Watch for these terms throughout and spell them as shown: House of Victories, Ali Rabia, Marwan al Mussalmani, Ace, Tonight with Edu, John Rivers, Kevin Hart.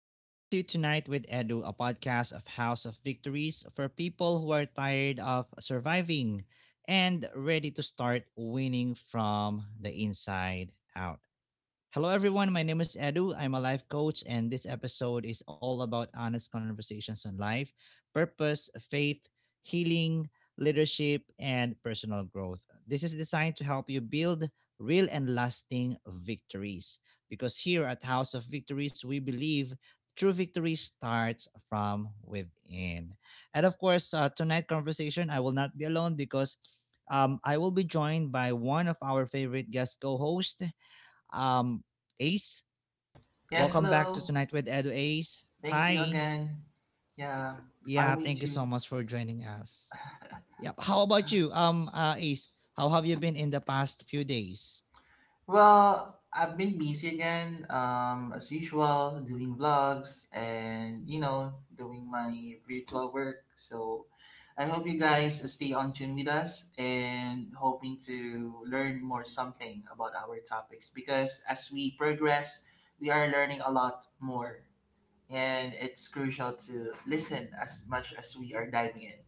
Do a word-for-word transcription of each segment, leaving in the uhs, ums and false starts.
Welcome to Tonight with Edu, a podcast of House of Victories for people who are tired of surviving and ready to start winning from the inside out. Hello, everyone. My name is Edu. I'm a life coach, and this episode is all about honest conversations on life, purpose, faith, healing, leadership, and personal growth. This is designed to help you build real and lasting victories because here at House of Victories, we believe true victory starts from within. And of course, uh, tonight conversation, I will not be alone because um, I will be joined by one of our favorite guest co host, um, Ace, Yes, welcome back to hello. Tonight with Edu Ace. Thank you Hi. again. Yeah, Yeah, I'm thank with you you. so much for joining us. Yeah, how about you? Um, uh, Ace, how have you been in the past few days? Well, I've been busy again, um, as usual, doing vlogs and, you know, doing my virtual work. So I hope you guys stay on tune with us and hoping to learn more something about our topics because as we progress, we are learning a lot more. And it's crucial to listen as much as we are diving in.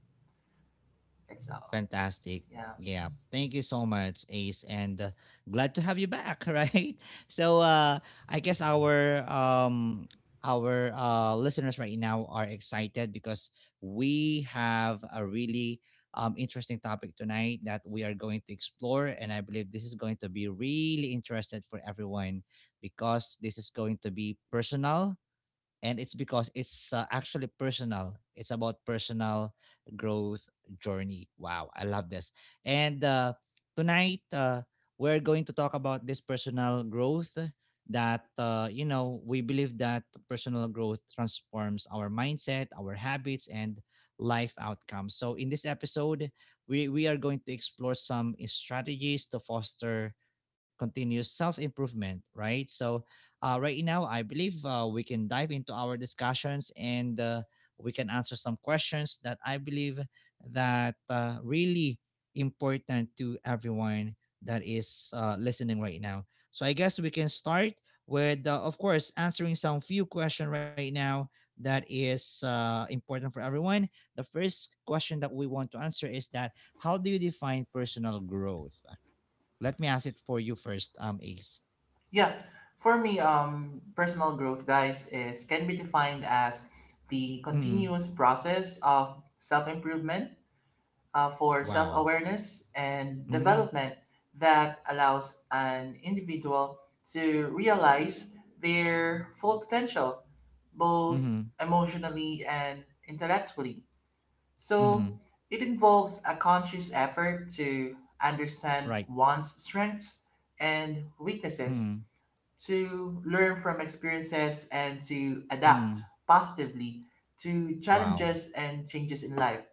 That's all. Fantastic. Yeah. Yeah. Thank you so much, Ace, and uh, glad to have you back, right? So uh I guess our um our uh listeners right now are excited because we have a really um interesting topic tonight that we are going to explore, and I believe this is going to be really interested for everyone because this is going to be personal, and it's because it's uh, actually personal. It's about personal growth journey. Wow, I love this. And uh, tonight, uh, we're going to talk about this personal growth that uh, you know we believe that personal growth transforms our mindset, our habits, and life outcomes. So in this episode, we we are going to explore some strategies to foster continuous self improvement. Right, so uh, right now, I believe, uh, we can dive into our discussions, and uh, we can answer some questions that I believe that uh, really important to everyone that is uh, listening right now. So I guess we can start with, uh, of course, answering some few questions right now that is uh, important for everyone. The first question that we want to answer is that: how do you define personal growth? Let me ask it for you first, um, Ace. Yeah, for me, um, personal growth, guys, is can be defined as the Mm, continuous process of self-improvement, uh, for wow. self-awareness and Mhm, development that allows an individual to realize their full potential, both mhm, emotionally and intellectually. So mhm, it involves a conscious effort to understand right, one's strengths and weaknesses mhm, to learn from experiences and to adapt mhm, positively to wow, challenges and changes in life.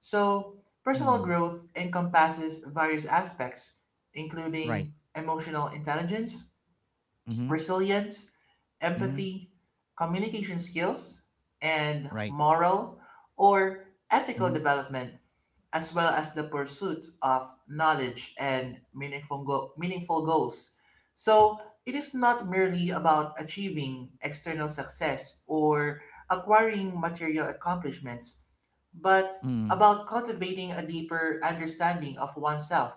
So, personal mhm, growth encompasses various aspects, right, including emotional intelligence, mhm, resilience, mhm, empathy, communication skills, and right, moral or ethical mhm, development as well as the pursuit of knowledge and meaningful, go- meaningful goals. So, it is not merely about achieving external success or acquiring material accomplishments, but mhm, about cultivating a deeper understanding of oneself,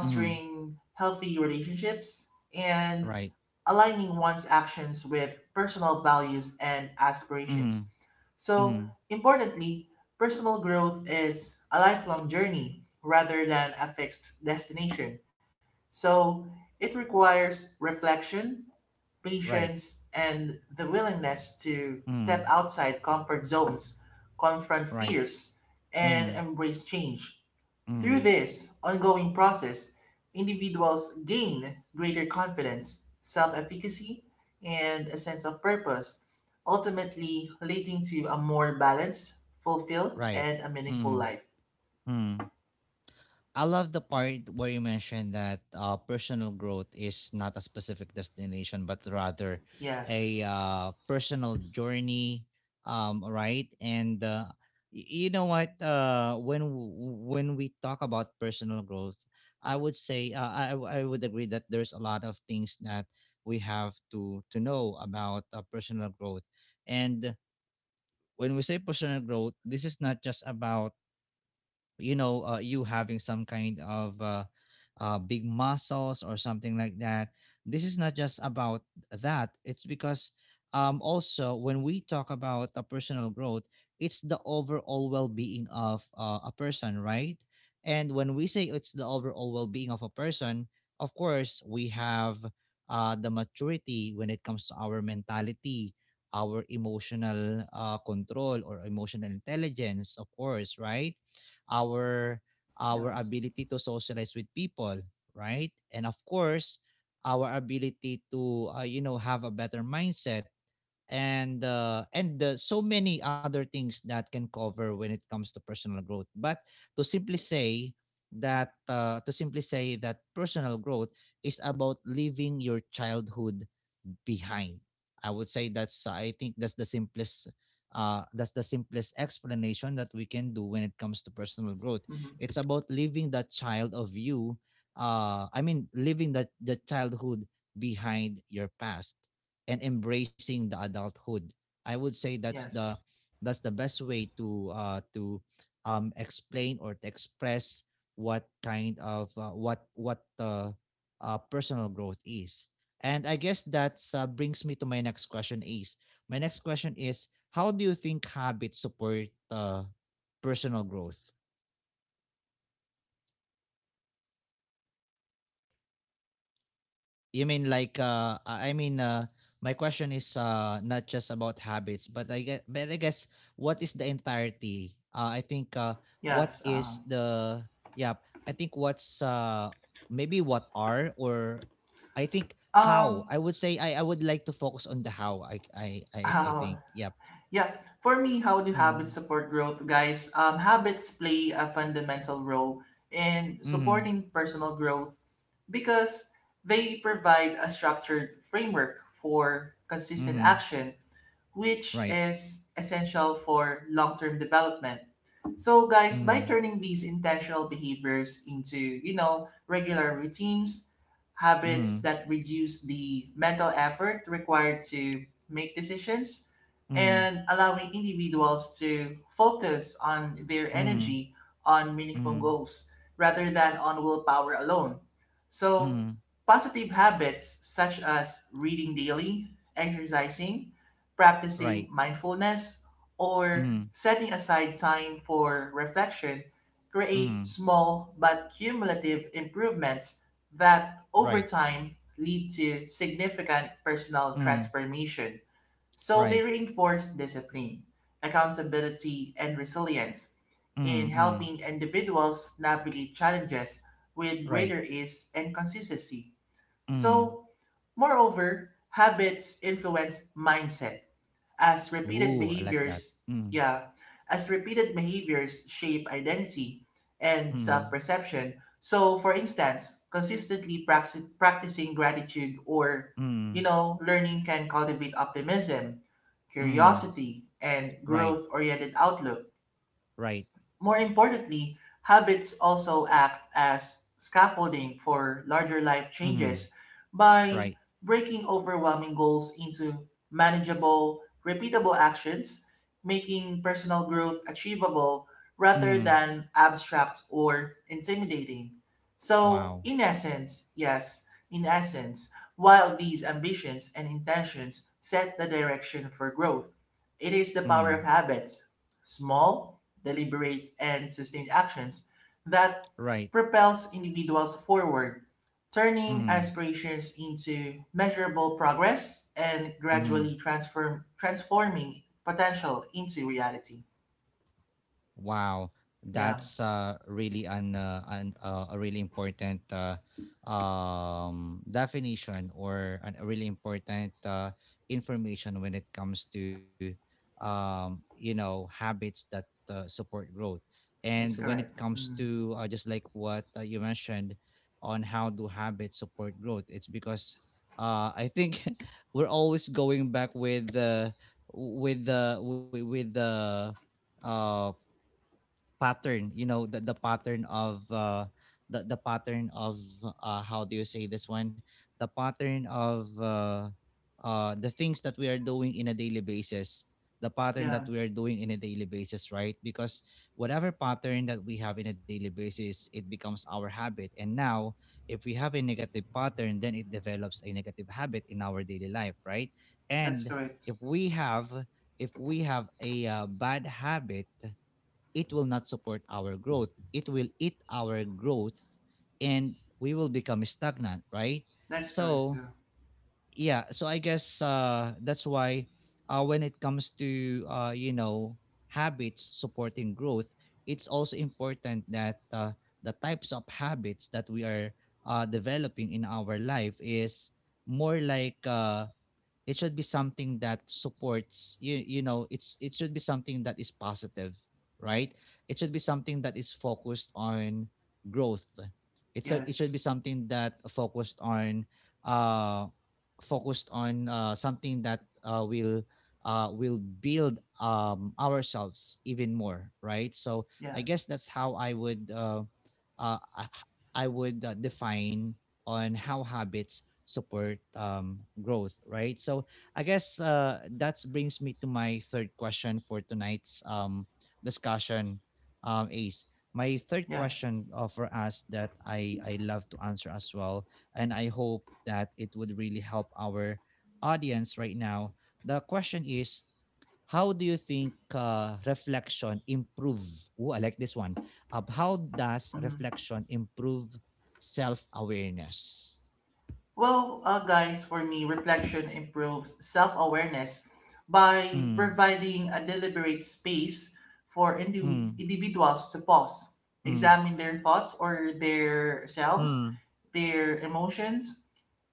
mhm, healthy relationships, and right, aligning one's actions with personal values and mhm, aspirations. So, mhm, importantly, personal growth is a lifelong journey rather than a fixed destination. So, it requires reflection, right, patience, and the willingness to step mhm, outside comfort zones, confront right, fears, and mhm, embrace change. Through mhm, this ongoing process, individuals gain greater confidence, self efficacy, and a sense of purpose, ultimately leading to a more balanced, fulfilled, right, and a meaningful mhm, life. mhm. I love the part where you mentioned that uh, personal growth is not a specific destination, but rather Yes. a uh, personal journey, um, right? And uh, y- you know what? Uh, when w- when we talk about personal growth, I would say, uh, I w- I would agree that there's a lot of things that we have to to know about uh, personal growth. And when we say personal growth, this is not just about you know uh, you having some kind of uh, uh, big muscles or something like that. This is not just about that. It's because um, also when we talk about a personal growth, it's the overall well-being of uh, a person, right. And when we say it's the overall well-being of a person, of course we have uh, the maturity when it comes to our mentality, our emotional uh, control, or emotional intelligence, of course, right, our Yeah. our ability to socialize with people, right? And of course, our ability to uh, you know have a better mindset, and uh, and uh, so many other things that can cover when it comes to personal growth. But to simply say that uh, to simply say that personal growth is about living your childhood behind. I would say that's, uh, I think that's the simplest uh that's the simplest explanation that we can do when it comes to personal growth. It's Mm-hmm. about leaving that child of you, uh I mean leaving that the childhood, behind your past, and embracing the adulthood. I would say that's the Yes. that's the best way to uh to um explain, or to express what kind of uh, what what uh, uh personal growth is. And I guess that uh, brings me to my next question. Is my next question is how do you think habits support uh, personal growth? You mean like, uh, I I mean, uh, my question is, uh, not just about habits, but I guess, but I guess what is the entirety? Uh, I think, uh, what Yes. is Um, the, yeah, I think what's, uh, maybe what are, or I think how, I would say, I, I would like to focus on the how. I I I, I um, think. Yeah. Yeah, for me, how do habits Mm-hmm. support growth, guys? Um, habits play a fundamental role in supporting personal growth because they provide a structured framework for consistent Mhm. action, which Right. is essential for long term development. So guys, by Mhm. turning these intentional behaviors into, you know, regular routines, habits Mhm. that reduce the mental effort required to make decisions Mhm. and allowing individuals to focus on their Mhm. energy on meaningful Mhm. goals rather than on willpower alone. So, Mhm. positive habits such as reading daily, exercising, Right. practicing mindfulness, or Mhm. setting aside time for reflection create Mhm. small but cumulative improvements that over Right. time lead to significant personal Mhm. transformation. So they Right. reinforce discipline, accountability, and resilience Mhm. in Mhm. helping individuals navigate challenges with Right. greater ease and consistency. Mhm. So, moreover, habits influence mindset as repeated Ooh, I like that. behaviors, Mhm. yeah, as repeated behaviors shape identity and self Mhm. perception. So, for instance, consistently practice, practicing gratitude or, you Mhm. know, learning can cultivate optimism, Mhm. curiosity, and Right. growth oriented outlook. Right. More importantly, habits also act as scaffolding for larger life Mhm. changes by Right. breaking overwhelming goals into manageable, repeatable actions, making personal growth achievable rather Mhm. than abstract or intimidating. So, Wow. in essence, yes, in essence, while these ambitions and intentions set the direction for growth, it is the power of Mhm. habits, small deliberate, and sustained actions that Right. propels individuals forward, turning Mhm. aspirations into measurable progress and Mhm. gradually transform transforming potential into reality. Wow, Yeah, that's uh, really, an, uh, an uh, a really important uh, um, definition, or an, a really important uh, information when it comes to um, you know habits that uh, support growth. And that's when it correct. comes Mm. to uh, just like what uh, you mentioned, on how do habits support growth, it's because uh, I think we're always going back with the with the with the pattern. you know the, the pattern of, uh the, the pattern of uh how do you say this one the pattern of, uh uh the things that we are doing in a daily basis, the pattern Yeah, that we are doing in a daily basis, right? Because whatever pattern that we have in a daily basis, it becomes our habit. And now, if we have a negative pattern, then it develops a negative habit in our daily life, right? that's And correct. if we have if we have a uh, bad habit, it will not support our growth. It will eat our growth, and we will become stagnant, right? That's correct. So, Yeah. yeah, so I guess, uh, that's why, uh, when it comes to, uh, you know, habits supporting growth, it's also important that uh, the types of habits that we are uh, developing in our life is more like, uh, it should be something that supports you, you know it's it should be something that is positive, right? It should be something that is focused on growth. It's a, it should Yes. be something that focused on um focused on, uh, something that, uh, will uh, will build um, ourselves even more, right? So I Yeah. guess that's how I would uh, uh, I I would uh, define on how habits support um, growth, right? So I guess, uh, that brings me to my third question for tonight's um, discussion, um, Ace. My third Yeah. question, uh, for us, that I I love to answer as well, and I hope that it would really help our audience right now. The question is, how do you think uh, reflection improve? Oh, I like this one. Uh, how does Mhm. reflection improve self awareness? Well, uh, guys, for me, reflection improves self awareness by Mm, providing a deliberate space for indi- mm, individuals to pause, mm, examine their thoughts or their selves, mm, their emotions,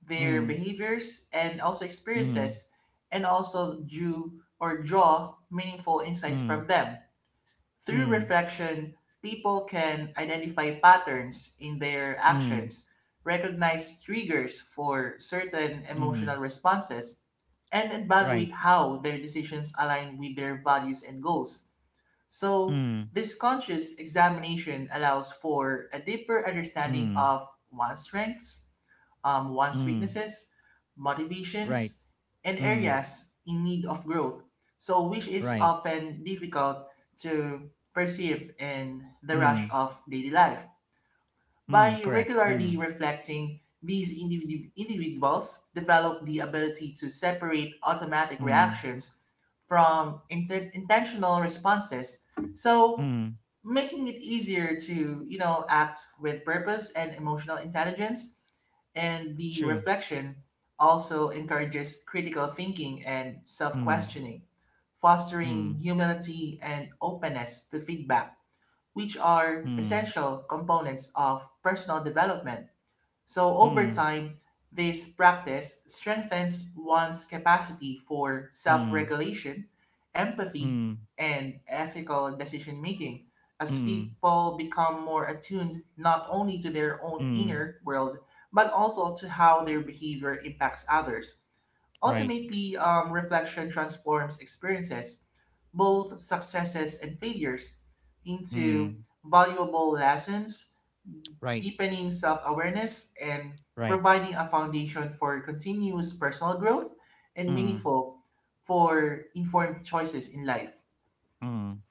their mm, behaviors, and also experiences, and also do or draw meaningful insights mm, from them. mm, Through mm, reflection, people can identify patterns in their mm, actions, recognize triggers for certain emotional mm, responses, and right. evaluate how their decisions align with their values and goals. So, Mm, this conscious examination allows for a deeper understanding mm, of one's strengths, um, one's mm, weaknesses, right. motivations, and Mm, areas in need of growth, So, which is right. often difficult to perceive in the rush Mm, of daily life. mm, By correct. regularly Mm, reflecting, these individu- individuals develop the ability to separate automatic mm, reactions from inten- intentional responses. So, mm, making it easier to, you know, act with purpose and emotional intelligence. And the true. reflection also encourages critical thinking and self Mm, questioning, fostering mm, humility and openness to feedback, which are mm, essential components of personal development. So over mm, time, this practice strengthens one's capacity for self mm, regulation, empathy, mm, and ethical decision making as mm, people become more attuned not only to their own mm, inner world but also to how their behavior impacts others. right, Ultimately, um, reflection transforms experiences, both successes and failures, into mm, valuable lessons right, deepening self awareness, and right, providing a foundation for continuous personal growth and mm, meaningful for informed choices in life. mm.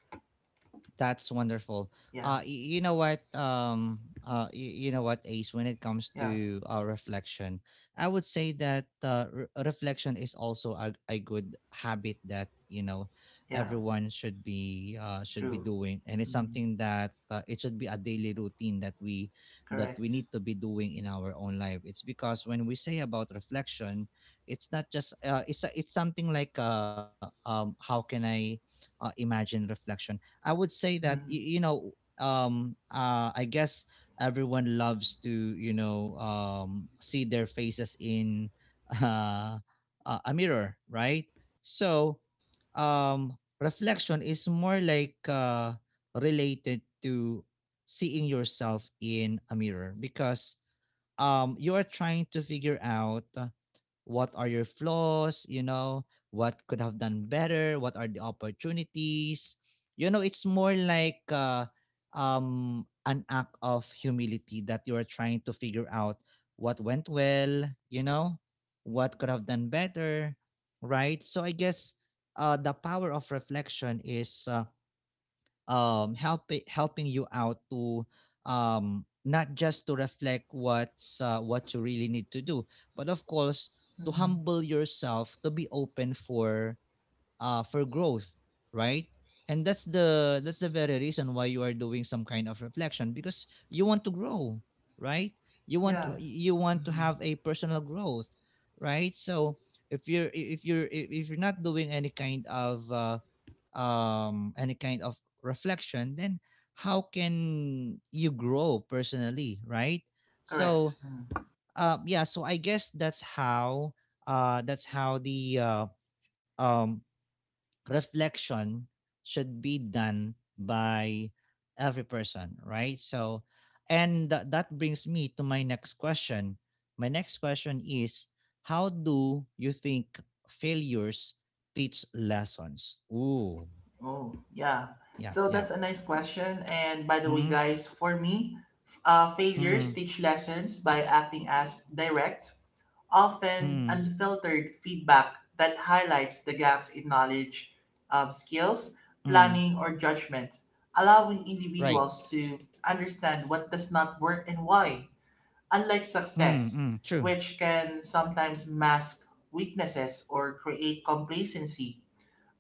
That's wonderful. Yeah, Uh, y- you know what? Um, uh, y- you know what, Ace. When it comes yeah, to uh, reflection, I would say that uh, re- reflection is also a, a good habit that, you know yeah, everyone should be, uh, should be true. doing, and it's Hmm. something that, uh, it should be a daily routine that we that we Correct. need to be doing in our own life. It's because when we say about reflection, it's not just, uh, it's a- it's something like, uh, um, how can I, uh, imagine reflection. I would say that Hmm. y- you know, um, uh, I guess, everyone loves to, you know um, see their faces in uh, uh, a mirror, right? So, um, reflection is more like, uh, related to seeing yourself in a mirror, because um, you are trying to figure out what are your flaws, you know what could have done better, what are the opportunities, you know it's more like, uh, um an act of humility, that you are trying to figure out what went well, you know what could have done better, right? So I guess, uh, the power of reflection is, uh, um help helping you out to, um not just to reflect, what's uh, what you really need to do, but of course, to Hmm. humble yourself, to be open for uh for growth, right? And that's the that's the very reason why you are doing some kind of reflection, because you want to grow, right? you want Yeah, to you want to hmm, have a personal growth, right? So, if you're if you're if you're not doing any kind of, uh, um, any kind of reflection, then how can you grow personally, right? correct. So, Mhm. uh, yeah, so I guess that's how, uh, that's how the, uh, um, reflection should be done by every person, right? So, and tha- that brings me to my next question. My next question is, how do you think failures teach lessons? Ooh, Oh, yeah. yeah, So yeah. that's a nice question. And by the way, Mm, guys, for me, f- uh, failures mm, teach lessons by acting as direct often mm, unfiltered feedback that highlights the gaps in knowledge, um, skills, mm. planning, or judgment, allowing Right. individuals to understand what does not work and why. Unlike Mm, success, mm, true. which can sometimes mask weaknesses or create complacency,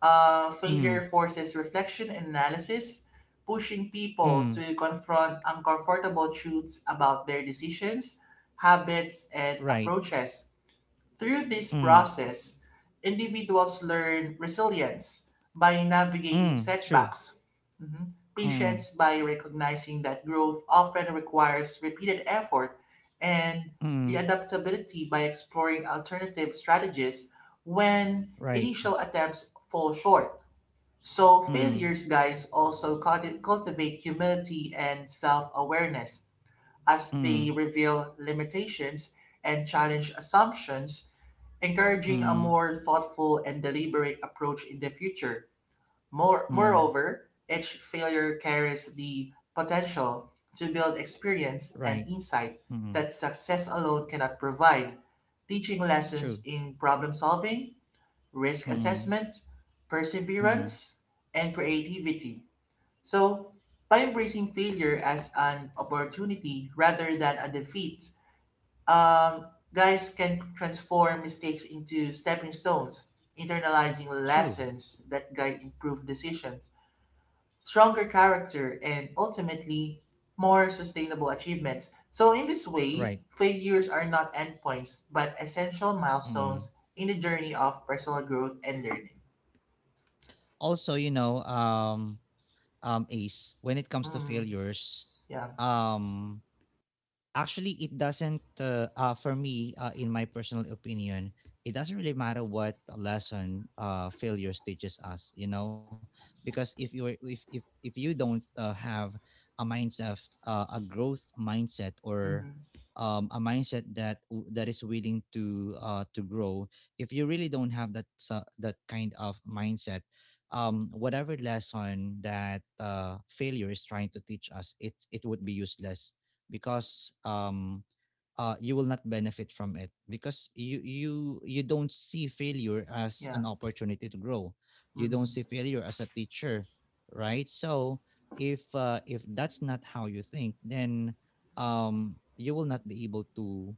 uh, failure Mm, forces reflection and analysis, pushing people mm, to confront uncomfortable truths about their decisions, habits, and right. approaches. Through this Mm, process, individuals learn resilience by navigating mm, true. setbacks, mhm, Mm, patience by recognizing that growth often requires repeated effort, and the mm, adaptability by exploring alternative strategies when right. initial attempts fall short. So, Mm, failures, guys, also culti- cultivate humility and self awareness as they mm, reveal limitations and challenge assumptions encouraging a mm, more thoughtful and deliberate approach in the future. More, mm, Moreover, each failure carries the potential to build experience and right. insight Mm, that success alone cannot provide, teaching true. lessons in problem solving, risk Mm, assessment, mm, perseverance, and creativity. So, by embracing failure as an opportunity rather than a defeat, um, guys can transform mistakes into stepping stones, internalizing true. lessons that guide improved decisions, stronger character, and ultimately more sustainable achievements. So, in this way, Right. failures are not endpoints but essential milestones Mm. in the journey of personal growth and learning. Also, you know, um, um, Ace, when it comes to Mm, failures, yeah. um, Actually, it doesn't, uh, uh, for me, uh, in my personal opinion, it doesn't really matter what lesson uh, failures teaches us, you know, because if you if if if you don't uh, have a mindset, uh, a growth mindset, or Mm-hmm. um, a mindset that w- that is willing to uh, to grow, if you really don't have that sa that kind of mindset, um, whatever lesson that uh, failure is trying to teach us, it it would be useless because um uh you will not benefit from it because you you you don't see failure as an Yeah. opportunity to grow, you don't see Mm-hmm. failure as a teacher, right? So if uh, if that's not how you think, then um you will not be able to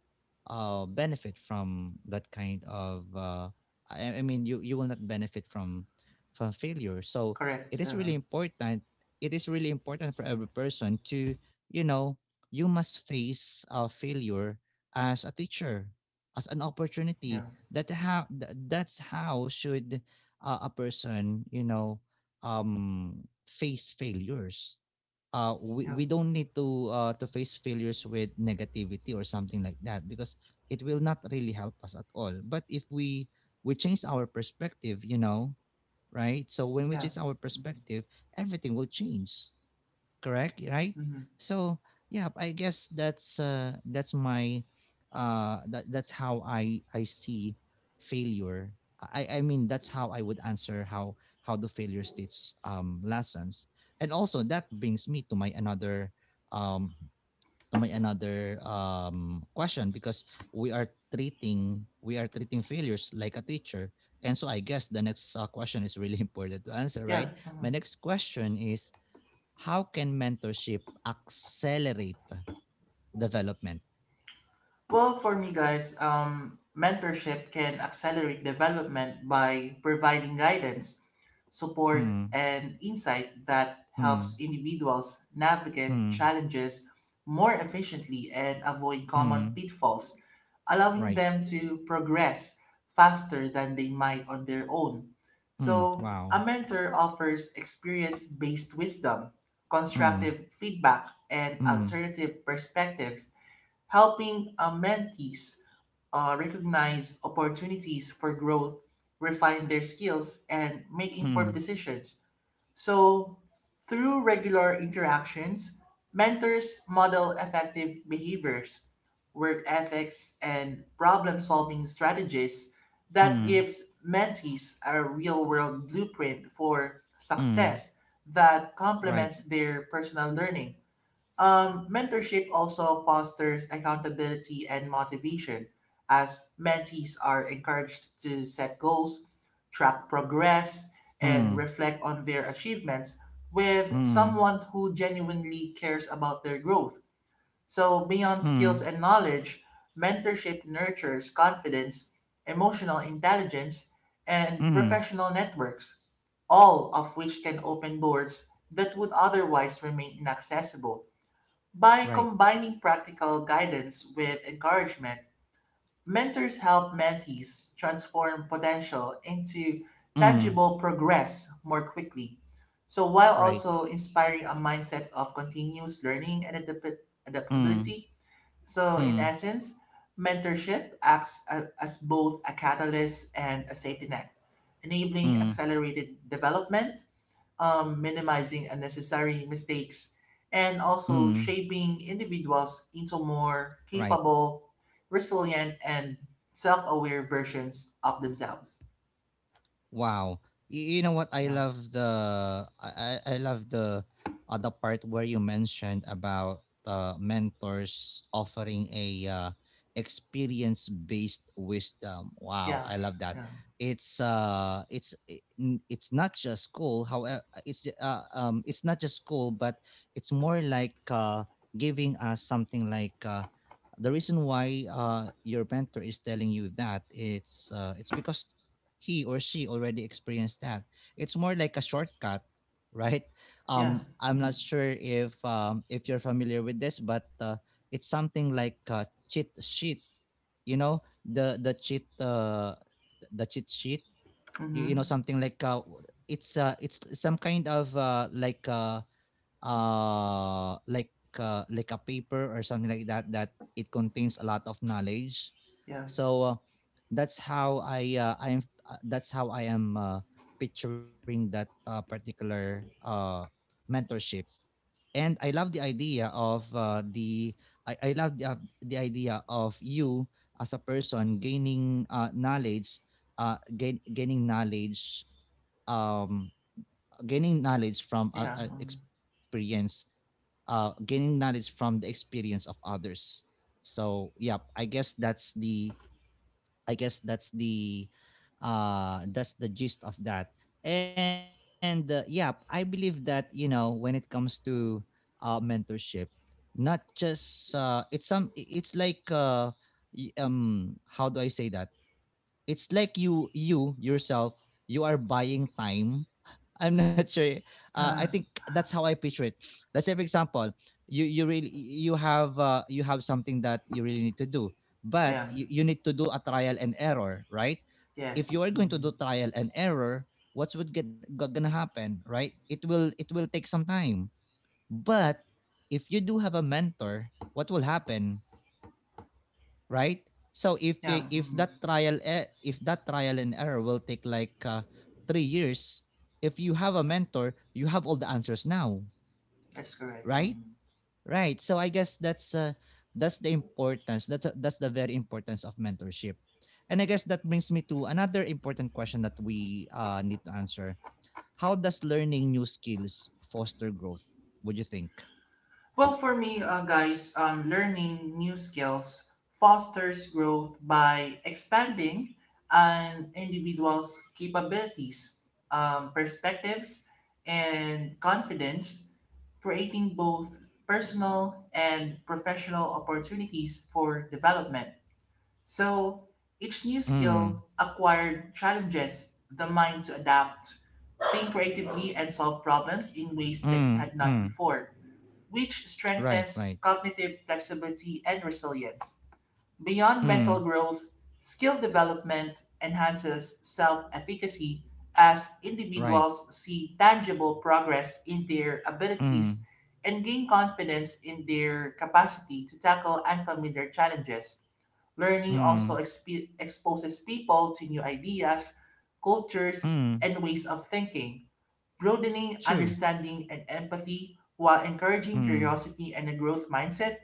uh benefit from that kind of uh i, I mean you you will not benefit from from failure. So it Correct. is Uh, really important, it is really important for every person to, you know, you must face uh, failure as a teacher, as an yeah. opportunity. That how th- that's how should uh, a person, you know, um, face failures. Uh, we, Yeah. we don't need to uh, to face failures with negativity or something like that because it will not really help us at all. But if we we change our perspective, you know, right? So when we Yeah. change our Mm-hmm. perspective, everything will change, correct, right? Mm-hmm. So yeah, I guess that's uh that's my uh that, that's how i i see failure. I i mean that's how I would answer how how the failure states um lessons. And also that brings me to my another um to my another um question because we are treating, we are treating failures like a teacher. And so I guess the next uh, question is really important to answer, Yeah. right? Mhm. My next question is, how can mentorship accelerate development? Well, for me, guys, um, mentorship can accelerate development by providing guidance, support, Mm, and insight that helps mm, individuals navigate mm, challenges more efficiently and avoid common mm, pitfalls, allowing Right. them to progress faster than they might on their own. Mm, So, wow. a mentor offers experience based wisdom, Mm, constructive feedback, and mm, alternative perspectives helping uh, mentees uh, recognize opportunities for growth, refine their skills, and make informed mm, decisions. So, through regular interactions, mentors model effective behaviors, work ethics, and problem solving strategies that mm, gives mentees a real world blueprint for mm, success that Right. complements their personal learning. Um, mentorship also fosters accountability and motivation, as mentees are encouraged to set goals, track progress, and Mm, reflect on their achievements with mm, someone who genuinely cares about their growth. So, beyond skills mm, and knowledge, mentorship nurtures confidence, emotional intelligence, and mm, professional networks, all of which can open doors that would otherwise remain inaccessible. By Right. combining practical guidance with encouragement, mentors help mentees transform potential into Mm, tangible progress more quickly. So, while Right. also inspiring a mindset of continuous learning and adap- Mm, adaptability, so in mm, essence, mentorship acts a- as both a catalyst and a safety net, enabling mm, accelerated development um, minimizing unnecessary mistakes, and also mm. shaping individuals into more Right. capable, resilient, and self-aware versions of themselves. Wow. You, you know what? I Yeah. love the I I I love the uh, the part where you mentioned about uh, mentors offering a uh, experience based wisdom. Wow, I Yes. love that. Yeah. It's uh it's i- n- it's not just school. However, it's uh, um it's not just school, but it's more like uh giving us something like uh the reason why uh your mentor is telling you that it's uh it's because he or she already experienced that. It's more like a shortcut, right? Yeah. Um, I'm Mm-hmm. not sure if um, if you're familiar with this, but uh, it's something like a cheat sheet. You know, the the cheat uh, the cheat sheet. You, you know, Mm-hmm. something like uh, it's uh, it's some kind of uh, like uh, uh like uh, like a paper or something like that that it contains a lot of knowledge. Yeah. So uh, that's how I uh, I am uh, that's how I am uh, picturing that uh, particular uh mentorship. And I love the idea of uh, the I, I love the uh, the idea of you as a person gaining uh, knowledge uh gain, gaining knowledge, um gaining knowledge from uh, Yeah. uh, experience uh, gaining knowledge from the experience of others. So yeah, I guess that's the I guess that's the uh that's the gist of that. And uh, yeah, I believe that, you know, when it comes to uh, mentorship, not just uh, it's some i- it's like uh, y- um how do I say that? It's like you you yourself, you are buying time. I'm not sure. eh, Uh, I think Mm. that's how I picture it. Let's say, for example, you you really you have uh, you have something that you really need to do, but Yeah. you, you need to do a trial and error, right? If you are Yes. going to Mm. do trial and error, what's would get, go- gonna happen, right? It will it will take some time, but if you do have a mentor, what will happen? Right? So if Yeah. i- if Mm. that trial e- if that trial and error will take like uh, three years, if you have a mentor, you have all the answers now, That's correct. Mm. right? Right. So I guess that's uh, that's the importance. That's uh, that's the very importance of mentorship. And I guess that brings me to another important question that we uh, need to answer. How does learning new skills foster growth? What do you think? Well, for me, uh, guys, um, learning new skills fosters growth by expanding an individual's capabilities, um, perspectives, and confidence, creating both personal and professional opportunities for development. So each new Mm, skill acquired challenges the mind to adapt, think creatively, and solve problems in ways mm, that it had mm. not before which Right, right. strengthens cognitive flexibility and resilience. Beyond Mm, mental growth, skill development enhances self efficacy as right. individuals see tangible progress in their Mm, abilities and gain confidence in their capacity to tackle unfamiliar challenges. Learning mm. also exp- exposes people to new ideas, cultures, Mm, and ways of thinking broadening true. understanding and empathy while encouraging Mm, curiosity and a growth mindset.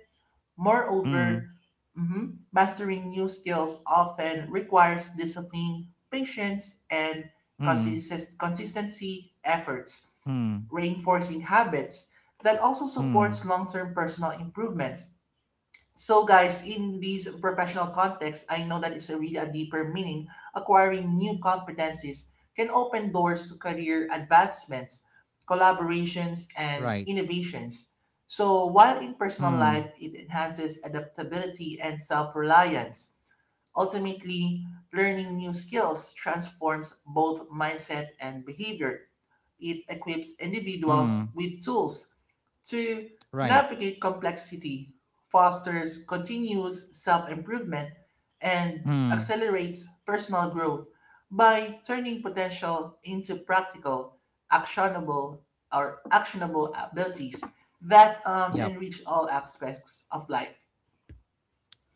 mm, Moreover, mhm, mastering new skills often requires discipline, patience, and mm, consist- consistency efforts, mm, reinforcing habits that also mm, supports long-term personal improvements. So, guys, in these professional contexts, I know that it's a really a deeper meaning. Acquiring new competencies can open doors to career advancements, collaborations, right. and innovations. So, while in personal Mm, life, it enhances adaptability and self reliance. Ultimately, learning new skills transforms both mindset and behavior. It equips individuals mm, with tools to right. navigate complexity fosters continuous self improvement and Mm, accelerates personal growth by turning potential into practical, actionable, or actionable abilities that um, yep. enrich all aspects of life.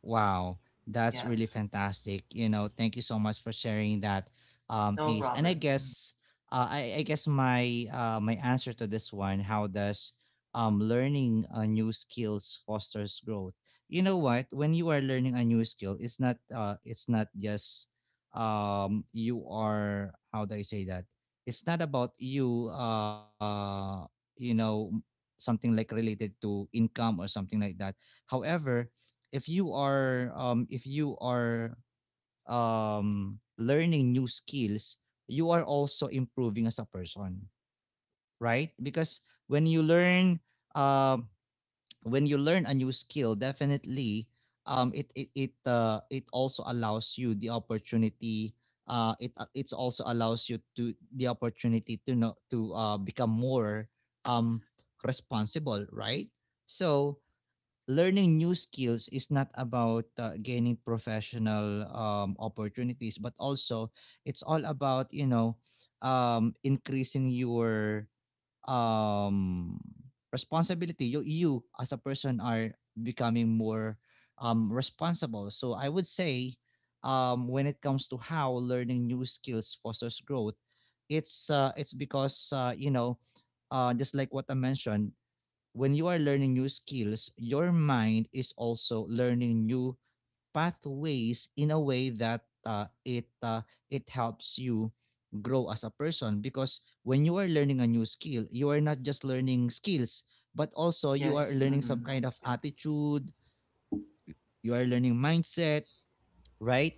Wow, that's really Yes, fantastic. You know, thank you so much for sharing that, um, no Ace. And I problem. guess, uh, I, I guess my uh, my answer to this one: how does um, learning a new skills fosters growth? You know what? When you are learning a new skill, it's not uh, it's not just um, you are, how do I say that? It's not about you, uh, you know, something like related to income or something like that. However, if you are um if you are um learning new skills, you are also improving as a person, right? Because when you learn uh, when you learn a new skill, definitely um it it it uh, it also allows you the opportunity, uh it uh, it's also allows you to the opportunity to know to uh become more um responsible, right? So learning new skills is not about uh, gaining professional um, opportunities, but also it's all about, you know, um, increasing your um, responsibility. you you as a person are becoming more um, responsible. So I would say um, when it comes to how learning new skills fosters growth, it's uh, it's because, uh, you know, uh, just like what I mentioned, when you are learning new skills, your mind is also learning new pathways in a way that uh, it uh, it helps you grow as a person, because when you are learning a new skill, you are not just learning skills, but also you are Yes, learning some mhm. kind of attitude, you are learning mindset, right?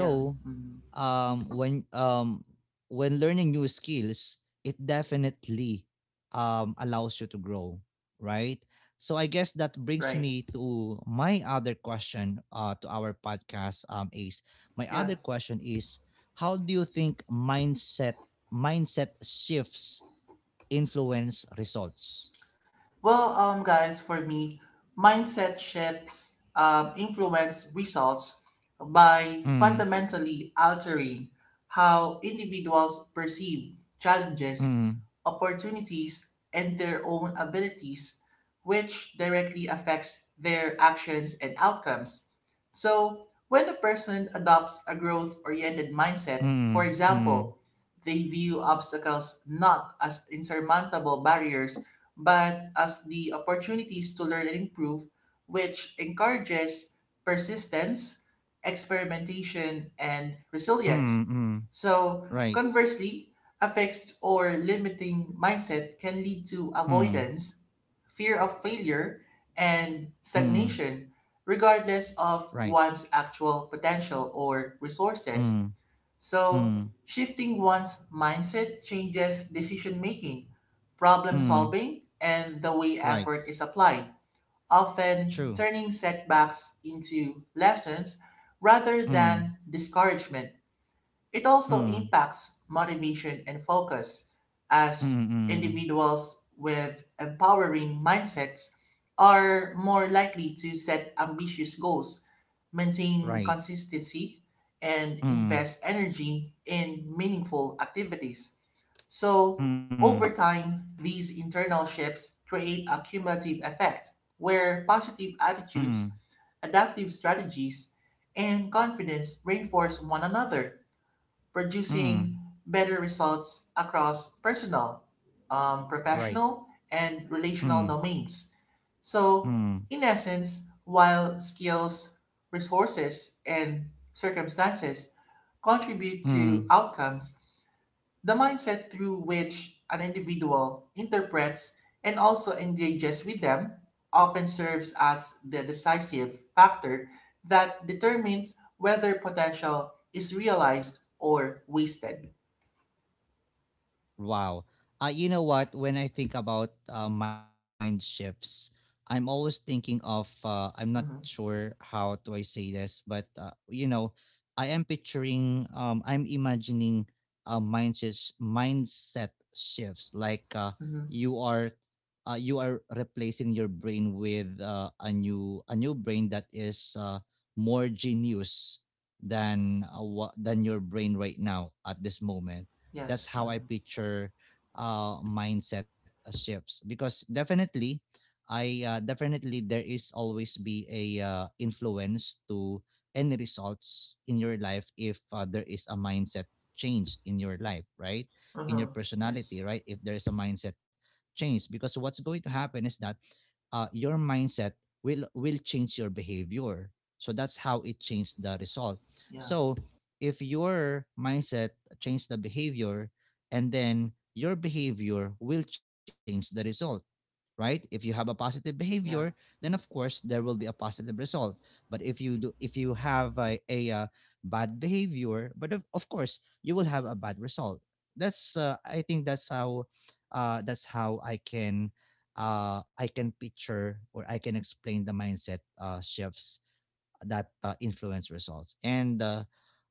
Yeah, mhm. um, when um, when learning new skills, it definitely um, allows you to grow, right? So I guess that brings Right. me to my other question uh, to our podcast, um, Ace. My Yeah. other question is, how do you think mindset mindset shifts influence results? Well, um, guys, for me, mindset shifts um, influence results by Mm, fundamentally altering how individuals perceive mm, challenges, mm, opportunities, and their own abilities, which directly affects their actions and outcomes. So, when a person adopts a growth oriented mindset, for mm, mm, example, they view obstacles not as insurmountable barriers but as the opportunities to learn and improve, which encourages persistence, experimentation, and mm, resilience. mm, So, right. conversely, a fixed or limiting mindset can lead to Mm, avoidance, fear of failure, and mm, stagnation, regardless of right. one's actual potential or resources. Mm, So, Mm, shifting one's mindset changes decision making, problem mm, solving, and the way right. effort is applied, often True. turning setbacks into lessons rather Mm, than discouragement. It also mm, impacts motivation and focus, mm, as mm, individuals with empowering mindsets are more likely to set ambitious goals, maintain right. consistency, and Mm, invest energy in meaningful activities. So, mm, over time, these internal shifts create a cumulative effect where positive mm, attitudes, adaptive strategies, and confidence reinforce one another, mm, producing better results across personal, um, right. professional, and relational Mm, domains. So, mm, in essence, while skills, resources, and circumstances contribute mm. to outcomes, the mindset through which an individual interprets and also engages with them often serves as the decisive factor that determines whether potential is realized or wasted. Wow. Uh, you know what? When I think about uh, mind shifts, I'm always thinking of, uh, I'm not Mm-hmm. sure how do I say this, but, uh, you know, I am picturing, um, I'm imagining uh, mind shifts, mindset shifts, like uh, Mm-hmm. you are. Uh, you are replacing your brain with uh, a new a new brain that is uh, more genius than uh, wha- than your brain right now at this moment. That's Yes. how I Uh-huh. picture uh, mindset uh, shifts, because definitely I uh, definitely there is always be a uh, influence to any results in your life if uh, there is a mindset change in your life, right? In Uh-huh. your personality, Yes. right? If there is a mindset change, because what's going to happen is that uh, your mindset will will change your behavior, so that's how it changed the result. Yeah. So if your mindset change the behavior, and then your behavior will change the result, right? If you have a positive behavior, Yeah. then of course there will be a positive result. But if you do, if you have a, a, uh bad behavior, but of, of course you will have a bad result. That's uh, I think that's how uh, that's how I can uh, I can picture or I can explain the mindset uh, shifts that uh, influence results. And uh,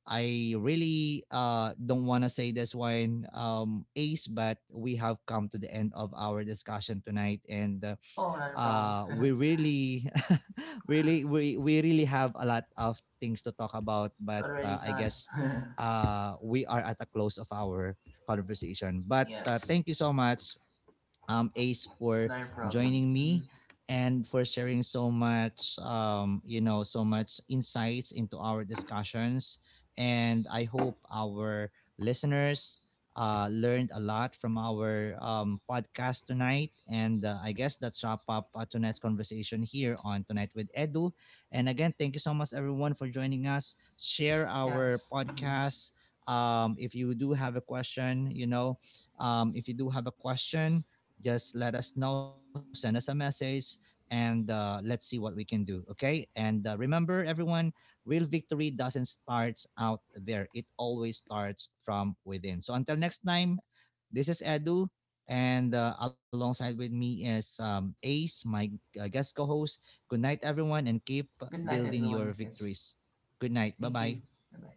I really uh, don't want to say this one, um, Ace, but we have come to the end of our discussion tonight, and uh, Oh, not a problem. uh, we really, really, we we really have a lot of things to talk about. It's But already uh, I time. guess uh, we are at the close of our conversation. But uh, Yes. thank you so much, um, Ace, for Not a problem. joining me Mhm. and for sharing so much, um, you know, so much insights into our discussions. And I hope our listeners uh, learned a lot from our um, podcast tonight. And uh, I guess that's wrap up uh, tonight's conversation here on Tonight with Edu. And again, thank you so much, everyone, for joining us. Share our Yes. Mhm. podcast. Um, if you do have a question, you know, um, if you do have a question, just let us know, send us a message, and uh, let's see what we can do. Okay. And uh, remember, everyone, real victory doesn't start out there, it always starts from within. So until next time, this is Edu. And uh, alongside with me is um, Ace, my uh, guest co host. Good night, everyone, and keep Good night, building your everyone. Yes. victories. Good night. Bye Thank you. bye. Bye bye.